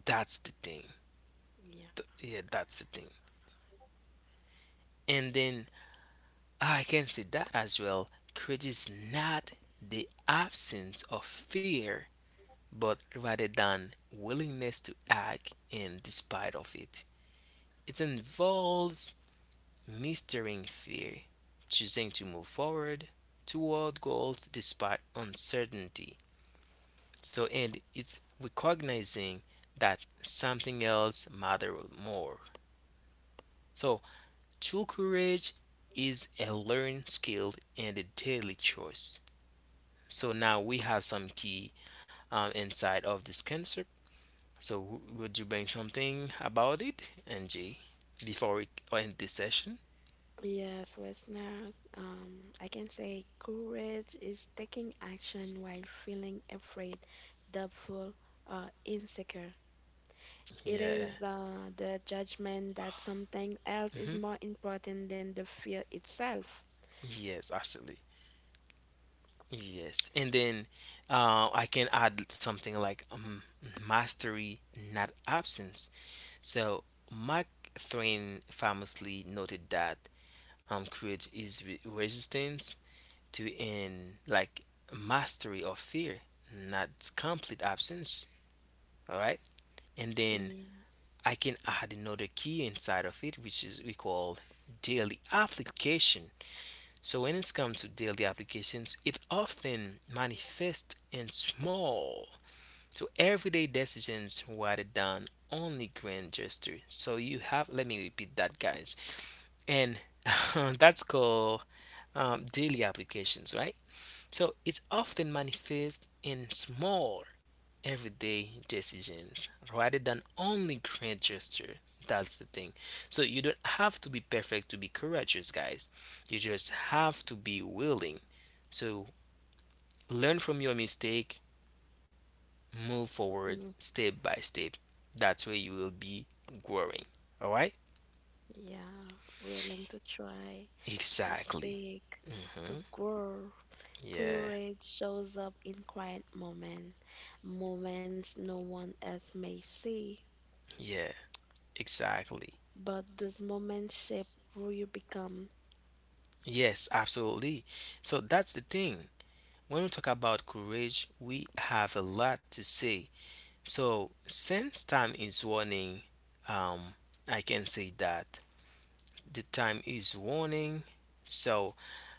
[SPEAKER 1] That's the thing.
[SPEAKER 2] Yeah.
[SPEAKER 1] Yeah, that's the thing. And then I can say that as well. Courage is not the absence of fear, but rather than willingness to act in despite of it. It involves mastering fear, choosing to move forward toward goals despite uncertainty. So, and it's recognizing that something else matters more. So, true courage is a learned skill and a daily choice. So now we have some key inside of this concept. So would you bring something about it, NG, before we end this session?
[SPEAKER 2] Yes, listener. Um, I can say courage is taking action while feeling afraid, doubtful, or insecure. It
[SPEAKER 1] Yeah.
[SPEAKER 2] is the judgment that something else is
[SPEAKER 1] hmm
[SPEAKER 2] more important than the fear itself.
[SPEAKER 1] Yes, absolutely. Yes, and then I can add something like mastery, not absence. So Mark Twain famously noted that courage is resistance to in like mastery of fear, not complete absence. All right, and then
[SPEAKER 2] Yeah,
[SPEAKER 1] I can add another key inside of it, which is we call daily application. So when it's come to daily applications, it often manifests in small, so everyday decisions rather than only grand gesture. So you have, let me repeat that, guys, and that's called daily applications, right? So it's often manifest in small, everyday decisions rather than only grand gesture. That's the thing. So you don't have to be perfect to be courageous, guys. You just have to be willing. So learn from your mistake, move forward
[SPEAKER 2] mm,
[SPEAKER 1] step by step. That's where you will be growing. All right?
[SPEAKER 2] yeah, willing to try, to
[SPEAKER 1] Exactly.
[SPEAKER 2] speak, to
[SPEAKER 1] Mhm.
[SPEAKER 2] grow.
[SPEAKER 1] Yeah.
[SPEAKER 2] Courage shows up in quiet moment, moments no one else may see.
[SPEAKER 1] Yeah. Exactly.
[SPEAKER 2] But those moments shape who you become.
[SPEAKER 1] Yes, absolutely. So that's the thing. When we talk about courage, we have a lot to say. So, since time is warning, um, I can say that the time is warning. So,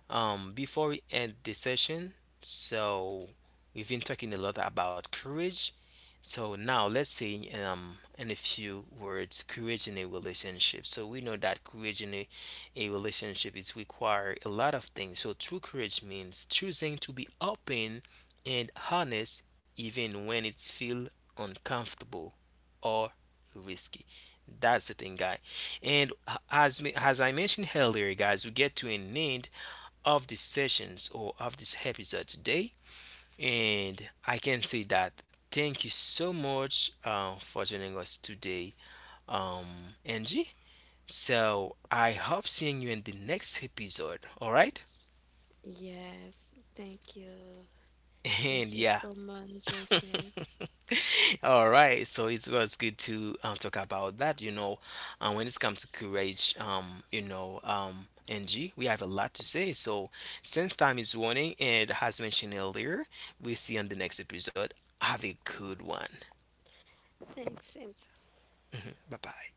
[SPEAKER 1] before we end the session, so we've been talking a lot about courage. So now let's say in a few words, courage in a relationship. So we know that courage in a relationship is require a lot of things. So true courage means choosing to be open and honest even when it's feel uncomfortable or risky. That's the thing, guy. And as as I mentioned earlier, guys, we get to an end of this sessions or of this episode today. And I can say that thank you so much for joining us today, um, Angie. So I hope seeing you in the next episode. All right.
[SPEAKER 2] Yes, thank you.
[SPEAKER 1] And
[SPEAKER 2] Thank you
[SPEAKER 1] yeah,
[SPEAKER 2] so much, Reisner.
[SPEAKER 1] all right. So it was good to talk about that. You know, and when it's come to courage, Angie, we have a lot to say. So since time is running, and as mentioned earlier, we see you on the next episode. Have a good one.
[SPEAKER 2] Thanks, same
[SPEAKER 1] Bye bye.